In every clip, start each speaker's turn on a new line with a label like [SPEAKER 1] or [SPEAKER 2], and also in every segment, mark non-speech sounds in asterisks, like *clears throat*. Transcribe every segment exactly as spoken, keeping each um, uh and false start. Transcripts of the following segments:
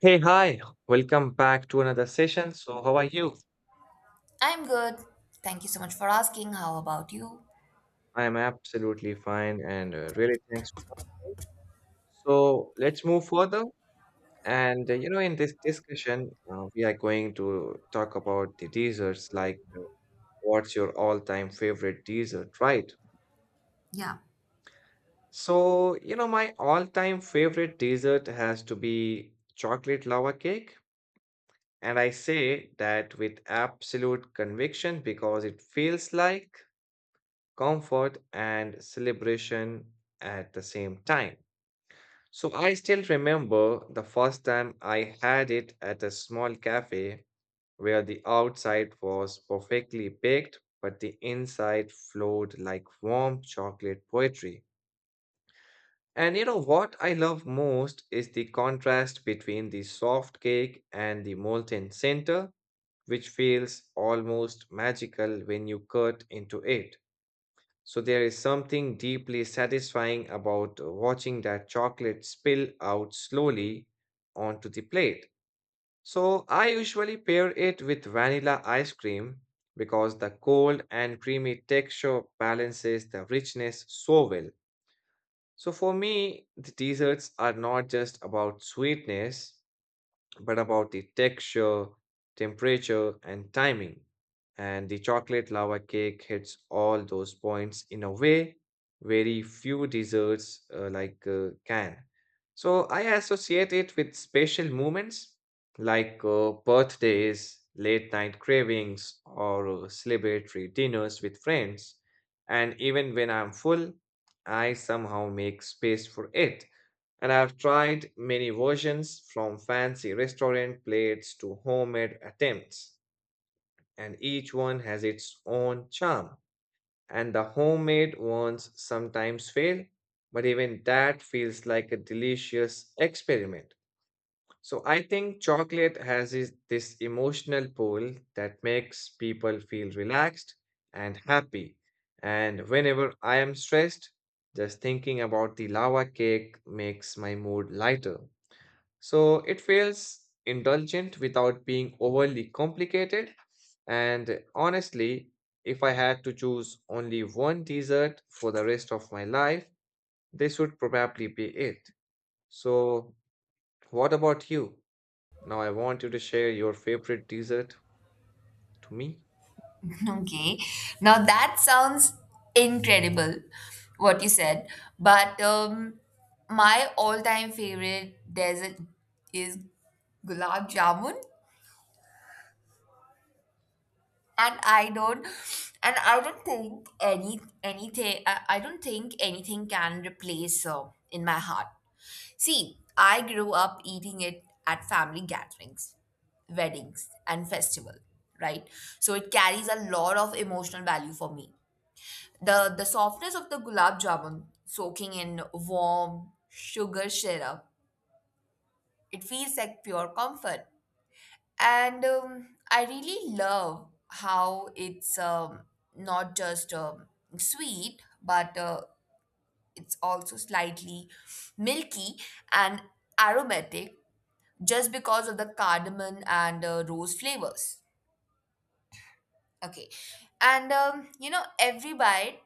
[SPEAKER 1] Hey, hi, welcome back to another session. So, how are you?
[SPEAKER 2] I'm good. Thank you so much for asking. How about you?
[SPEAKER 1] I am absolutely fine and uh, really thanks for asking. So, let's move further. And, uh, you know, in this discussion, uh, we are going to talk about the desserts, like uh, what's your all time favorite dessert, right?
[SPEAKER 2] Yeah.
[SPEAKER 1] So, you know, my all time favorite dessert has to be chocolate lava cake. And I say that with absolute conviction because it feels like comfort and celebration at the same time. So I still remember the first time I had it at a small cafe where the outside was perfectly baked, but the inside flowed like warm chocolate poetry. And you know what I love most is the contrast between the soft cake and the molten center, which feels almost magical when you cut into it. So there is something deeply satisfying about watching that chocolate spill out slowly onto the plate. So I usually pair it with vanilla ice cream because the cold and creamy texture balances the richness so well. So for me, the desserts are not just about sweetness, but about the texture, temperature, and timing. And the chocolate lava cake hits all those points in a way very few desserts uh, like uh, can. So I associate it with special moments like uh, birthdays, late night cravings, or uh, celebratory dinners with friends. And even when I'm full, I somehow make space for it, and I've tried many versions from fancy restaurant plates to homemade attempts, and each one has its own charm. And the homemade ones sometimes fail, but even that feels like a delicious experiment. So I think chocolate has is- this emotional pull that makes people feel relaxed and happy. And whenever I am stressed, just thinking about the lava cake makes my mood lighter. So it feels indulgent without being overly complicated. And honestly, if I had to choose only one dessert for the rest of my life, this would probably be it. So, what about you? Now, I want you to share your favorite dessert to me.
[SPEAKER 2] *laughs* Okay. Now that sounds incredible, what you said. But um, my all-time favorite dessert is gulab jamun, and I don't, and I don't think any anything. I, I don't think anything can replace uh, in my heart. See, I grew up eating it at family gatherings, weddings, and festival, right? So it carries a lot of emotional value for me. The the softness of the gulab jamun soaking in warm sugar syrup, it feels like pure comfort. And um, I really love how it's um, not just um, sweet, but uh, it's also slightly milky and aromatic just because of the cardamom and uh, rose flavors. Okay. And, um, you know, every bite,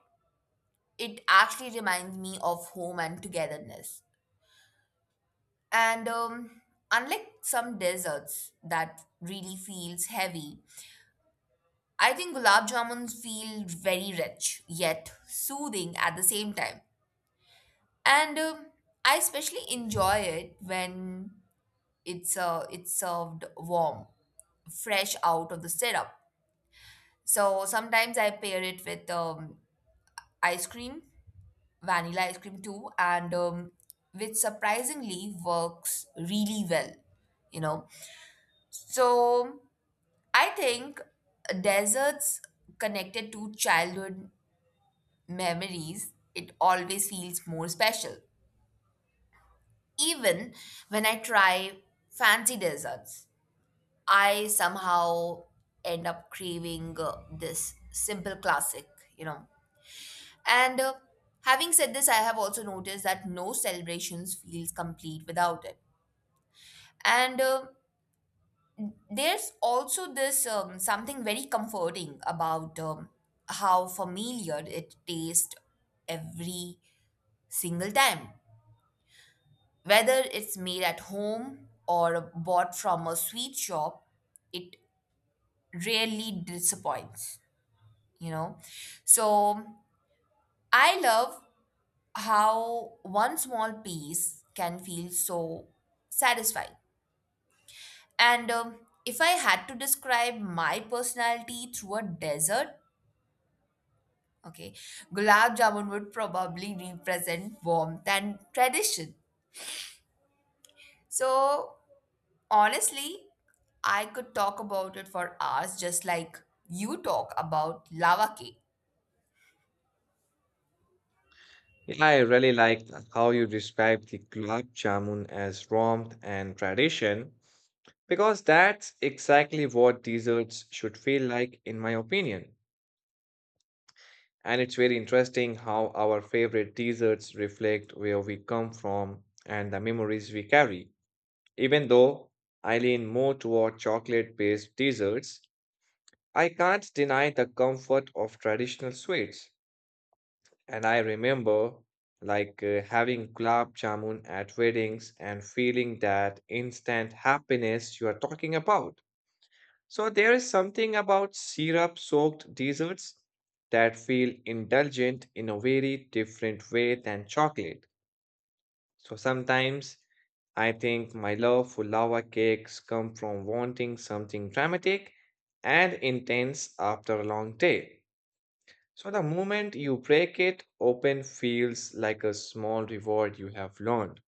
[SPEAKER 2] it actually reminds me of home and togetherness. And um, unlike some desserts that really feels heavy, I think gulab jamuns feel very rich yet soothing at the same time. And um, I especially enjoy it when it's uh, it's served warm, fresh out of the syrup. So sometimes I pair it with um, ice cream, vanilla ice cream too, and um, which surprisingly works really well, you know. So I think desserts connected to childhood memories, it always feels more special. Even when I try fancy desserts, I somehow end up craving uh, this simple classic, you know. And uh, having said this, I have also noticed that no celebrations feels complete without it. And uh, there's also this um, something very comforting about um, how familiar it tastes every single time. Whether it's made at home or bought from a sweet shop, it rarely disappoints, you know. So I love how one small piece can feel so satisfying. And um, if I had to describe my personality through a desert, okay, gulab jamun would probably represent warmth and tradition. So honestly, I could talk about it for hours, just like you talk about lava cake.
[SPEAKER 1] Yeah, I really like how you described the gulab jamun as warmth and tradition, because that's exactly what desserts should feel like, in my opinion. And it's very interesting how our favorite desserts reflect where we come from and the memories we carry. Even though I lean more toward chocolate based desserts, I can't deny the comfort of traditional sweets. And I remember like uh, having gulab jamun at weddings and feeling that instant happiness you are talking about. So there is something about syrup-soaked desserts that feel indulgent in a very different way than chocolate. So sometimes I think my love for lava cakes come from wanting something dramatic and intense after a long day. So the moment you break it open feels like a small reward you have learned.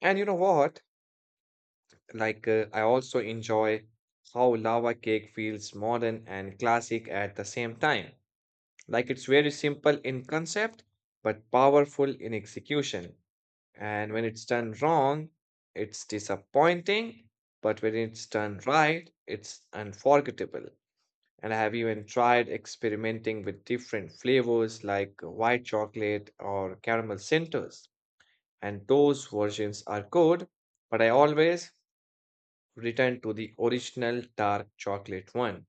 [SPEAKER 1] And you know what? Like uh, I also enjoy how lava cake feels modern and classic at the same time. Like it's very simple in concept but powerful in execution. And when it's done wrong, it's disappointing, but when it's done right, it's unforgettable. And I have even tried experimenting with different flavors like white chocolate or caramel centers. And those versions are good, but I always return to the original dark chocolate one.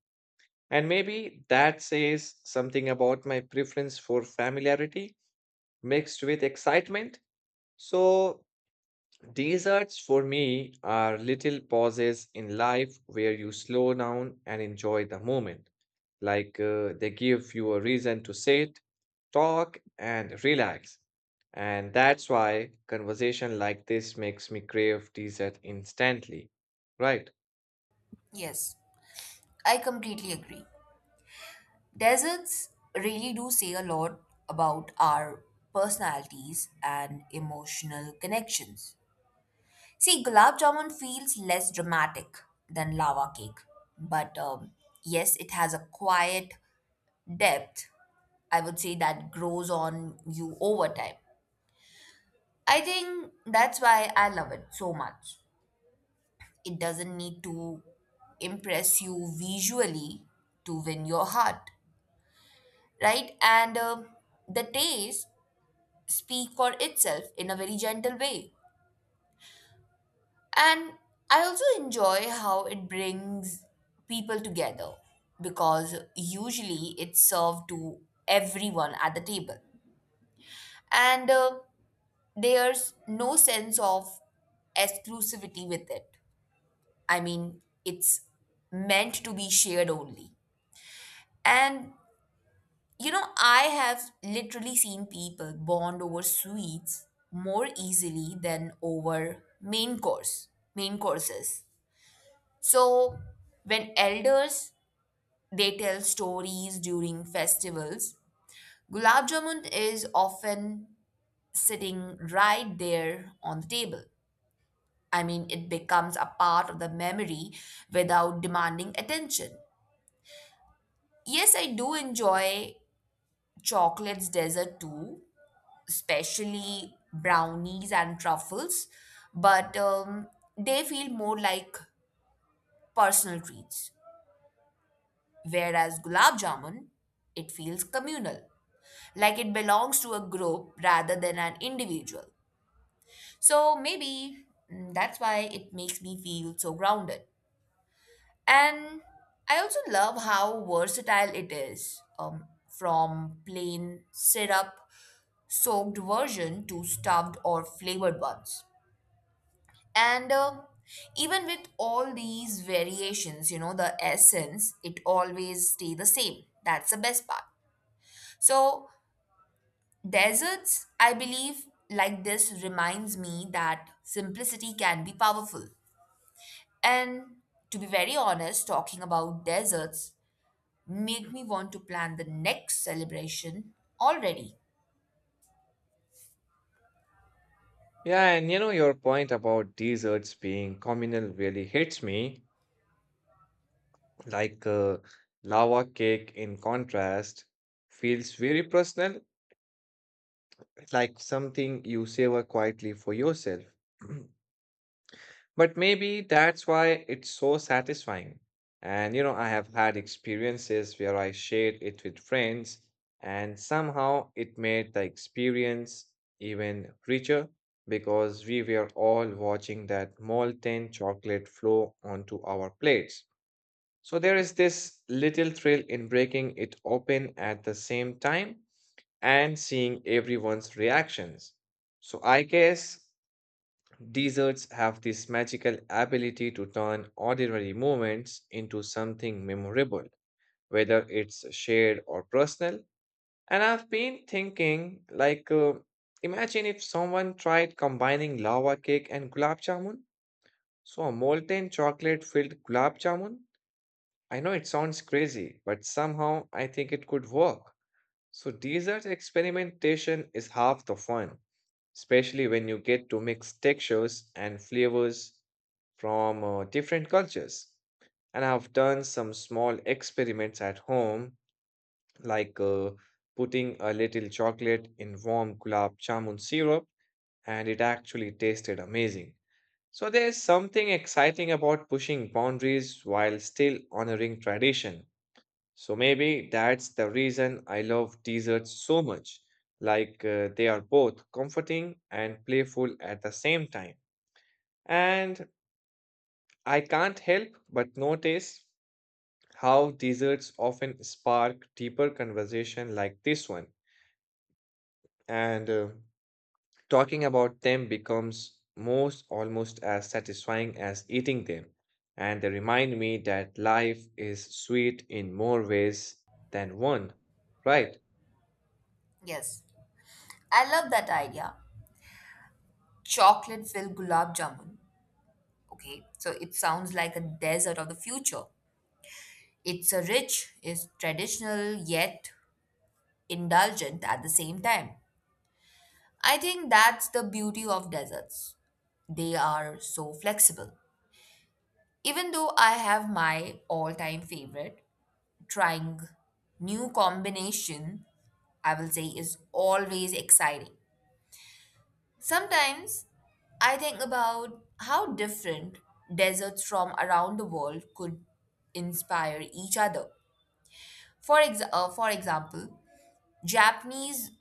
[SPEAKER 1] And maybe that says something about my preference for familiarity mixed with excitement. So, desserts for me are little pauses in life where you slow down and enjoy the moment. Like uh, they give you a reason to sit, talk, and relax. And that's why conversation like this makes me crave dessert instantly, right?
[SPEAKER 2] Yes, I completely agree. Deserts really do say a lot about our personalities and emotional connections. See, gulab jamun feels less dramatic than lava cake, but um, yes, it has a quiet depth, I would say, that grows on you over time. I think that's why I love it so much. It doesn't need to impress you visually to win your heart, right? And um the taste speak for itself in a very gentle way. And I also enjoy how it brings people together because usually it's served to everyone at the table. And uh, there's no sense of exclusivity with it. I mean, it's meant to be shared only. And you know, I have literally seen people bond over sweets more easily than over main course, main courses. So, when elders they tell stories during festivals, gulab jamun is often sitting right there on the table. I mean, it becomes a part of the memory without demanding attention. Yes, I do enjoy chocolates dessert too, especially brownies and truffles, but um, they feel more like personal treats. Whereas gulab jamun, it feels communal, like it belongs to a group rather than an individual. So maybe mm, that's why it makes me feel so grounded. And I also love how versatile it is um, from plain syrup soaked version to stuffed or flavored ones. And uh, even with all these variations, you know, the essence, it always stay the same. That's the best part. So deserts, I believe, like this reminds me that simplicity can be powerful. And to be very honest, talking about deserts make me want to plan the next celebration already.
[SPEAKER 1] Yeah, and you know, your point about desserts being communal really hits me. Like uh, lava cake, in contrast, feels very personal, like something you savor quietly for yourself. *clears throat* But maybe that's why it's so satisfying. And you know, I have had experiences where I shared it with friends, and somehow it made the experience even richer because we were all watching that molten chocolate flow onto our plates. So there is this little thrill in breaking it open at the same time and seeing everyone's reactions. So I guess desserts have this magical ability to turn ordinary moments into something memorable, whether it's shared or personal. And I've been thinking, like, uh, imagine if someone tried combining lava cake and gulab jamun. So, a molten chocolate filled gulab jamun. I know it sounds crazy, but somehow I think it could work. So, dessert experimentation is half the fun, especially when you get to mix textures and flavors from uh, different cultures. And I've done some small experiments at home, like uh, putting a little chocolate in warm gulab jamun syrup, and it actually tasted amazing. So, there's something exciting about pushing boundaries while still honoring tradition. So maybe that's the reason I love desserts so much. Like uh, they are both comforting and playful at the same time. And I can't help but notice how desserts often spark deeper conversation like this one. And uh, talking about them becomes most almost as satisfying as eating them. And they remind me that life is sweet in more ways than one, right?
[SPEAKER 2] Yes, I love that idea. Chocolate filled gulab jamun. Okay, so it sounds like a desert of the future. It's a rich, is traditional yet indulgent at the same time. I think that's the beauty of deserts. They are so flexible. Even though I have my all-time favorite, trying new combination, I will say is always exciting. Sometimes I think about how different deserts from around the world could inspire each other. For ex- uh, for example, Japanese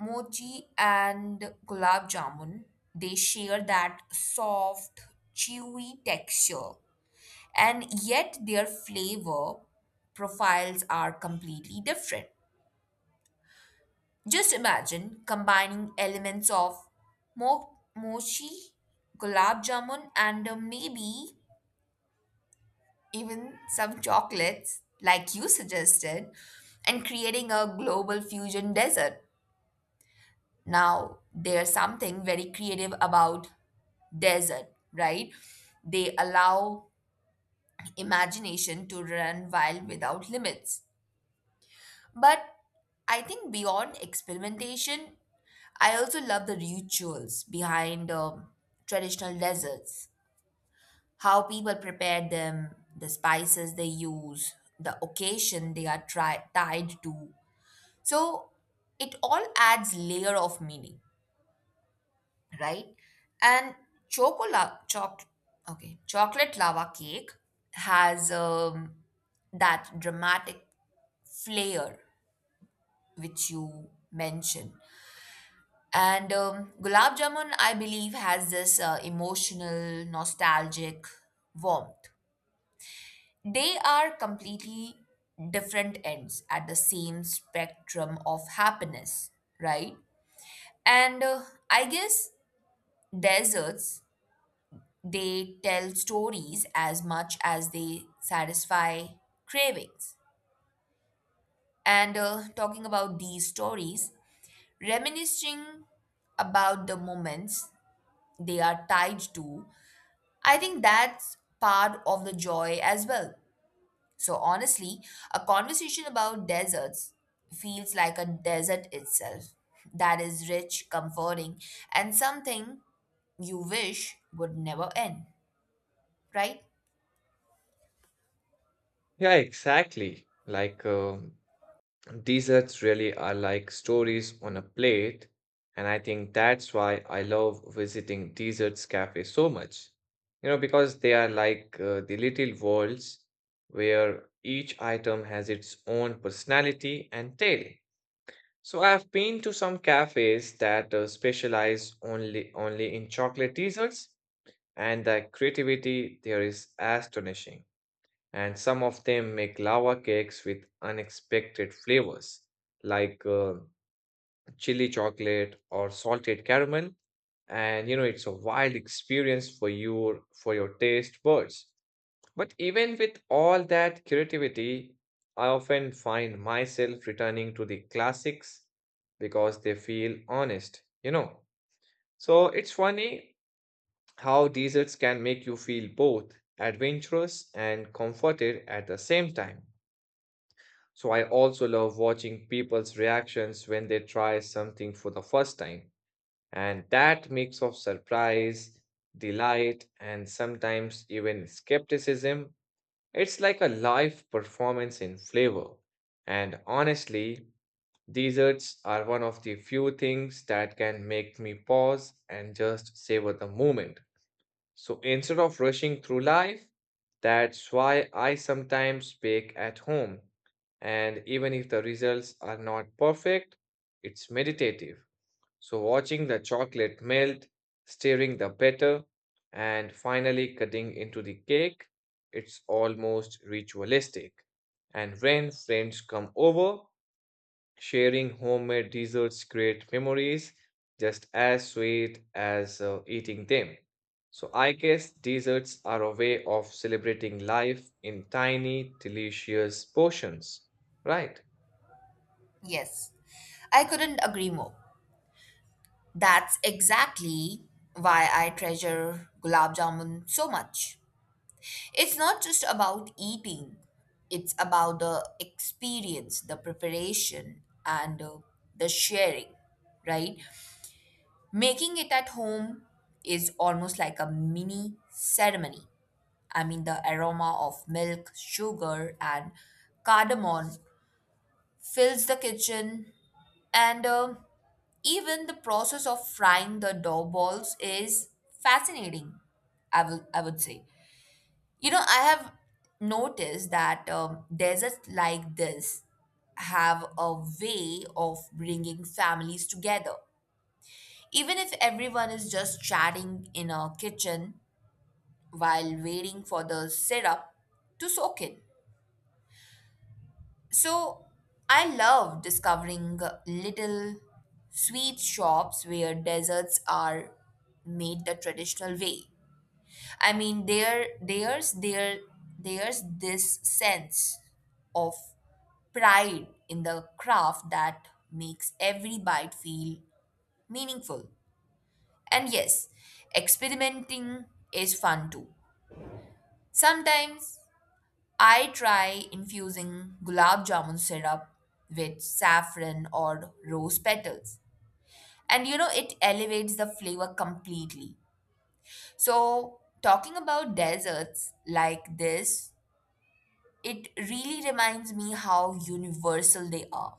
[SPEAKER 2] mochi and gulab jamun, they share that soft, chewy texture, and yet their flavor profiles are completely different. Just imagine combining elements of mo- mochi, gulab jamun, and uh, maybe even some chocolates, like you suggested, and creating a global fusion dessert. Now, there's something very creative about desert, right? They allow imagination to run wild without limits. But I think beyond experimentation, I also love the rituals behind um, traditional deserts, how people prepare them, the spices they use, the occasion they are tri- tied to. So it all adds layer of meaning. Right? And chocolate, choc- okay, chocolate lava cake has um, that dramatic flair which you mentioned. And um, gulab jamun, I believe, has this uh, emotional, nostalgic warmth. They are completely different ends at the same spectrum of happiness, right? And uh, I guess desserts they tell stories as much as they satisfy cravings. And uh, talking about these stories, reminiscing about the moments they are tied to, I think that's part of the joy as well. So, honestly, a conversation about deserts feels like a desert itself that is rich, comforting, and something you wish would never end, right?
[SPEAKER 1] Yeah, exactly. Like um, desserts really are like stories on a plate, and I think that's why I love visiting desserts cafe so much. You know, because they are like uh, the little worlds where each item has its own personality and tale. So I've been to some cafes that uh, specialize only only in chocolate desserts, and the creativity there is astonishing, and some of them make lava cakes with unexpected flavors like uh, chili chocolate or salted caramel, and you know it's a wild experience for your for your taste buds. But even with all that creativity, I often find myself returning to the classics because they feel honest, you know. So it's funny how desserts can make you feel both adventurous and comforted at the same time. So I also love watching people's reactions when they try something for the first time. And that mix of surprise, delight, and sometimes even skepticism, it's like a live performance in flavor. And honestly, desserts are one of the few things that can make me pause and just savor the moment, so instead of rushing through life, that's why I sometimes bake at home. And even if the results are not perfect, it's meditative. So watching the chocolate melt, stirring the batter, and finally cutting into the cake, it's almost ritualistic. And when friends come over, sharing homemade desserts create memories just as sweet as uh, eating them. So I guess desserts are a way of celebrating life in tiny, delicious portions, right?
[SPEAKER 2] Yes, I couldn't agree more. That's exactly why I treasure gulab jamun so much. It's not just about eating, it's about the experience, the preparation, and uh, the sharing, right? Making it at home is almost like a mini ceremony. I mean, the aroma of milk, sugar, and cardamom fills the kitchen and uh, even the process of frying the dough balls is fascinating, I, will, I would say. You know, I have noticed that um, deserts like this have a way of bringing families together. Even if everyone is just chatting in a kitchen while waiting for the syrup to soak in. So I love discovering little sweet shops where desserts are made the traditional way. I mean, there, there's there, there's this sense of pride in the craft that makes every bite feel meaningful. And yes, experimenting is fun too. Sometimes I try infusing gulab jamun syrup with saffron or rose petals. And you know, it elevates the flavor completely. So, talking about desserts like this, it really reminds me how universal they are.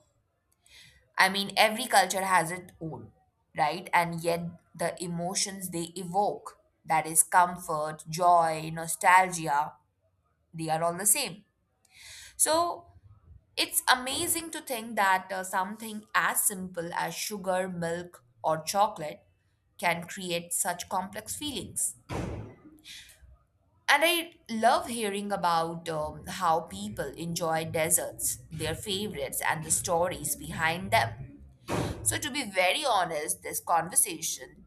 [SPEAKER 2] I mean, every culture has its own, right? And yet, the emotions they evoke that is, comfort, joy, nostalgia they are all the same. So, it's amazing to think that uh, something as simple as sugar, milk, or chocolate can create such complex feelings. And I love hearing about um, how people enjoy desserts, their favorites, and the stories behind them. So, to be very honest, this conversation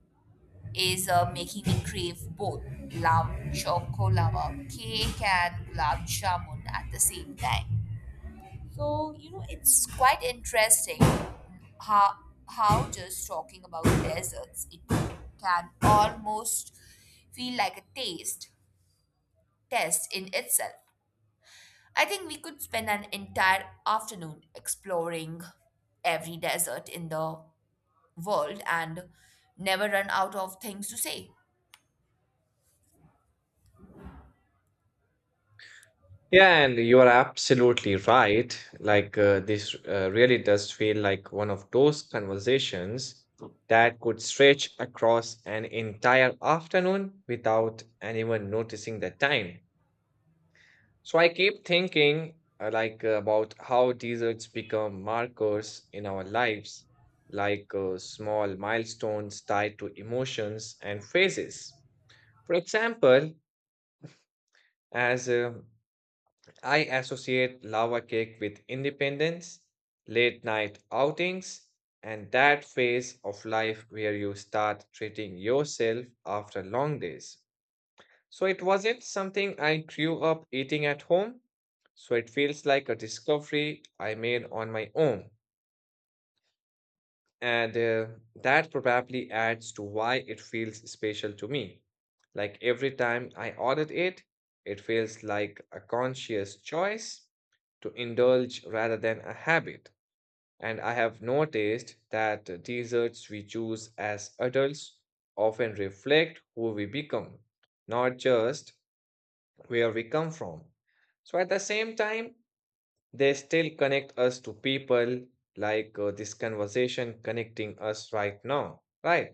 [SPEAKER 2] is uh, making me crave both love, chocolava cake and gulab jamun at the same time. So, you know, it's quite interesting how, how just talking about deserts, it can almost feel like a taste test in itself. I think we could spend an entire afternoon exploring every desert in the world and never run out of things to say.
[SPEAKER 1] Yeah, and you are absolutely right. Like uh, this uh, really does feel like one of those conversations that could stretch across an entire afternoon without anyone noticing the time. So I keep thinking uh, like uh, about how deserts become markers in our lives, like uh, small milestones tied to emotions and phases. For example, as uh, I associate lava cake with independence, late night outings, and that phase of life where you start treating yourself after long days. So it wasn't something I grew up eating at home. So it feels like a discovery I made on my own. And uh, that probably adds to why it feels special to me. Like every time I ordered it, it feels like a conscious choice to indulge rather than a habit. And I have noticed that the desserts we choose as adults often reflect who we become, not just where we come from. So at the same time, they still connect us to people, like uh, this conversation connecting us right now, right?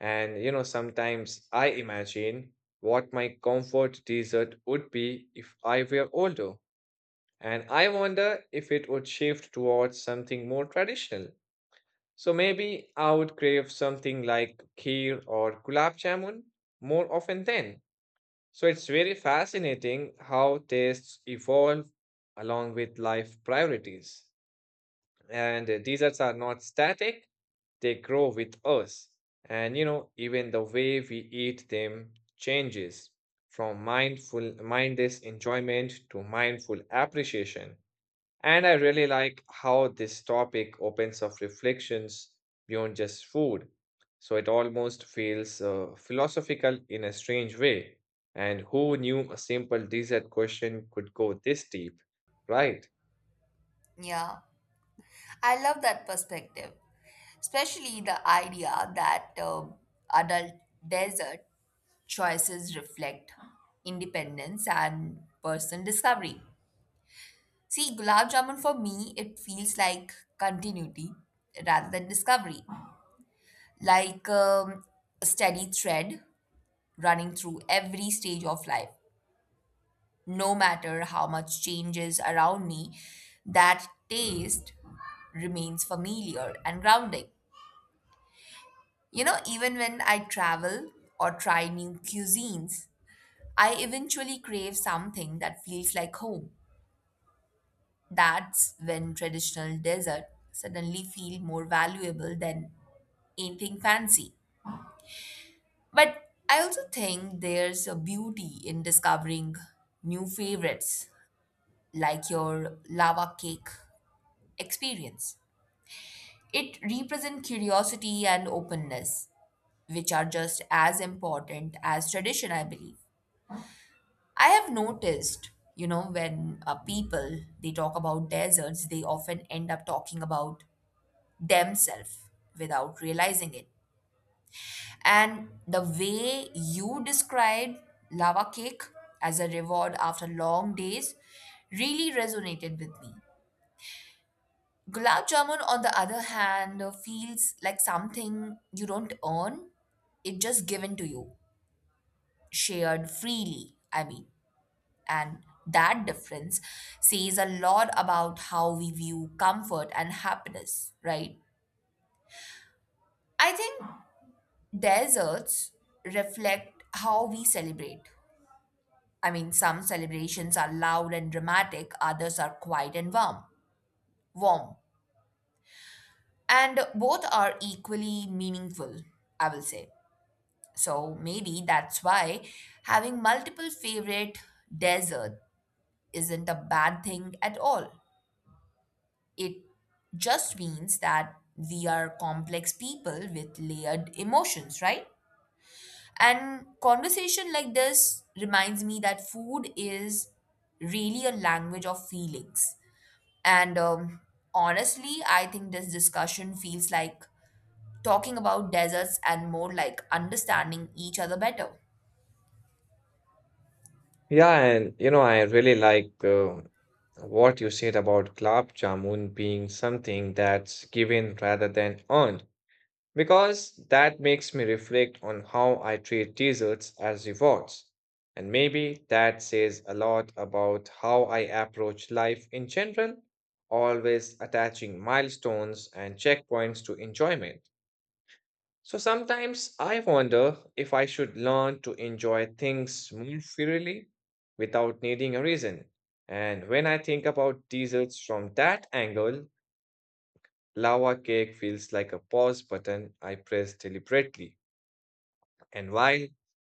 [SPEAKER 1] And you know, sometimes I imagine what my comfort dessert would be if I were older. And I wonder if it would shift towards something more traditional. So maybe I would crave something like kheer or gulab jamun more often then. So it's very fascinating how tastes evolve along with life priorities. And uh, desserts are not static, they grow with us. And you know, even the way we eat them changes from mindful mindless enjoyment to mindful appreciation. And I really like how this topic opens up reflections beyond just food. So it almost feels uh, philosophical in a strange way. And who knew a simple dessert question could go this deep, right?
[SPEAKER 2] Yeah, I love that perspective, especially the idea that um adult desert choices reflect independence and personal discovery. See, gulab jamun for me, it feels like continuity rather than discovery, like um, a steady thread running through every stage of life. No matter how much changes around me, that taste remains familiar and grounding. You know, even when I travel or try new cuisines, I eventually crave something that feels like home. That's when traditional dessert suddenly feel more valuable than anything fancy. But I also think there's a beauty in discovering new favorites like your lava cake experience. It represents curiosity and openness, which are just as important as tradition, I believe. I have noticed, you know, when uh, people they talk about deserts, they often end up talking about themselves without realizing it. And the way you described lava cake as a reward after long days really resonated with me. Gulab jamun, on the other hand, feels like something you don't earn, it's just given to you, shared freely, I mean. And that difference says a lot about how we view comfort and happiness, right? I think deserts reflect how we celebrate. I mean, some celebrations are loud and dramatic, others are quiet and warm. Warm. And both are equally meaningful, I will say. So maybe that's why having multiple favorite desert isn't a bad thing at all. It just means that we are complex people with layered emotions, right? And conversation like this reminds me that food is really a language of feelings. And um, honestly, I think this discussion feels like talking about deserts and more like understanding each other better.
[SPEAKER 1] Yeah, and you know, I really like uh, what you said about gulab jamun being something that's given rather than earned. Because that makes me reflect on how I treat desserts as rewards. And maybe that says a lot about how I approach life in general, always attaching milestones and checkpoints to enjoyment. So sometimes I wonder if I should learn to enjoy things more freely without needing a reason. And when I think about desserts from that angle, lava cake feels like a pause button I press deliberately. And while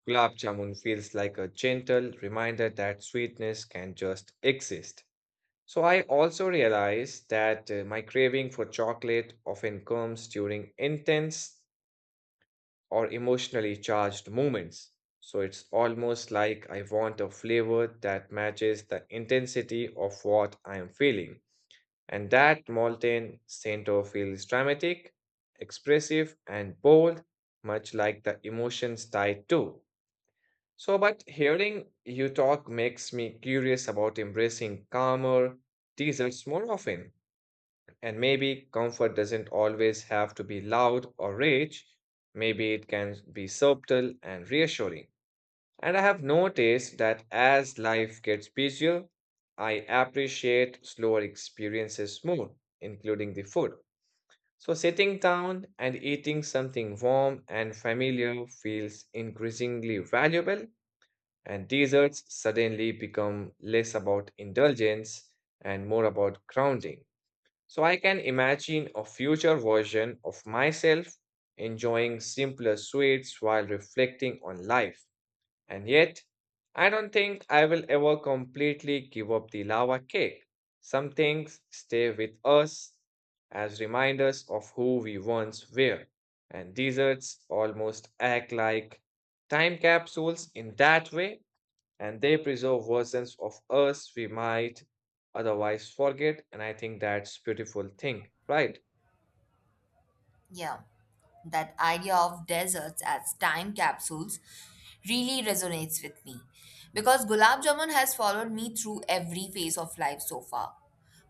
[SPEAKER 1] gulab jamun feels like a gentle reminder that sweetness can just exist. So I also realize that uh, my craving for chocolate often comes during intense or emotionally charged moments. So it's almost like I want a flavor that matches the intensity of what I am feeling. And that molten center feels dramatic, expressive, and bold, much like the emotions tied to. So, but hearing you talk makes me curious about embracing calmer desserts more often. And maybe comfort doesn't always have to be loud or rich. Maybe it can be subtle and reassuring. And I have noticed that as life gets busier, I appreciate slower experiences more, including the food. So, sitting down and eating something warm and familiar feels increasingly valuable, and deserts suddenly become less about indulgence and more about grounding. So I can imagine a future version of myself enjoying simpler sweets while reflecting on life. And yet, I don't think I will ever completely give up the lava cake. Some things stay with us as reminders of who we once were, and deserts almost act like time capsules in that way, and they preserve versions of us we might otherwise forget, and I think that's beautiful thing, right?
[SPEAKER 2] Yeah, that idea of deserts as time capsules really resonates with me because gulab jamun has followed me through every phase of life so far,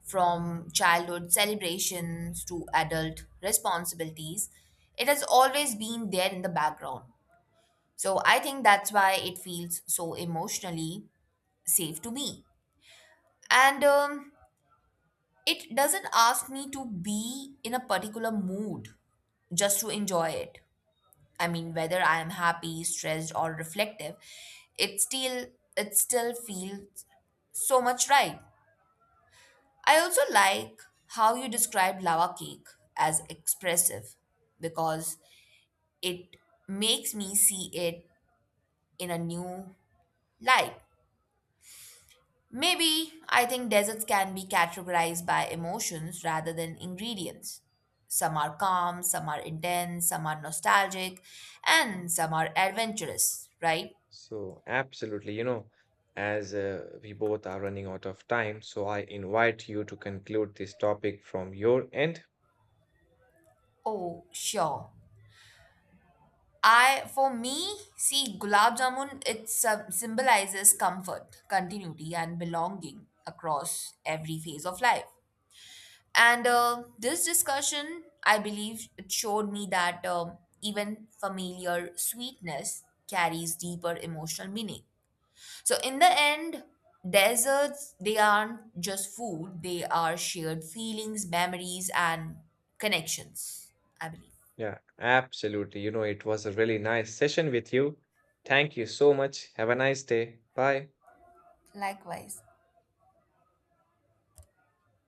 [SPEAKER 2] from childhood celebrations to adult responsibilities. It has always been there in the background. So I think that's why it feels so emotionally safe to me. And um, it doesn't ask me to be in a particular mood just to enjoy it. I mean, whether I am happy, stressed, or reflective, it still it still feels so much right. I also like how you describe lava cake as expressive because it makes me see it in a new light. Maybe I think deserts can be categorized by emotions rather than ingredients. Some are calm, some are intense, some are nostalgic, and some are adventurous, right?
[SPEAKER 1] So absolutely. You know, as uh, we both are running out of time, so I invite you to conclude this topic from your end.
[SPEAKER 2] Oh, sure. I, for me, see, gulab jamun, it sym- symbolizes comfort, continuity, and belonging across every phase of life. And uh, this discussion, I believe, it showed me that um, even familiar sweetness carries deeper emotional meaning. So, in the end, desserts, they aren't just food, they are shared feelings, memories, and connections, I believe.
[SPEAKER 1] Yeah, absolutely. You know, it was a really nice session with you. Thank you so much. Have a nice day. Bye.
[SPEAKER 2] Likewise.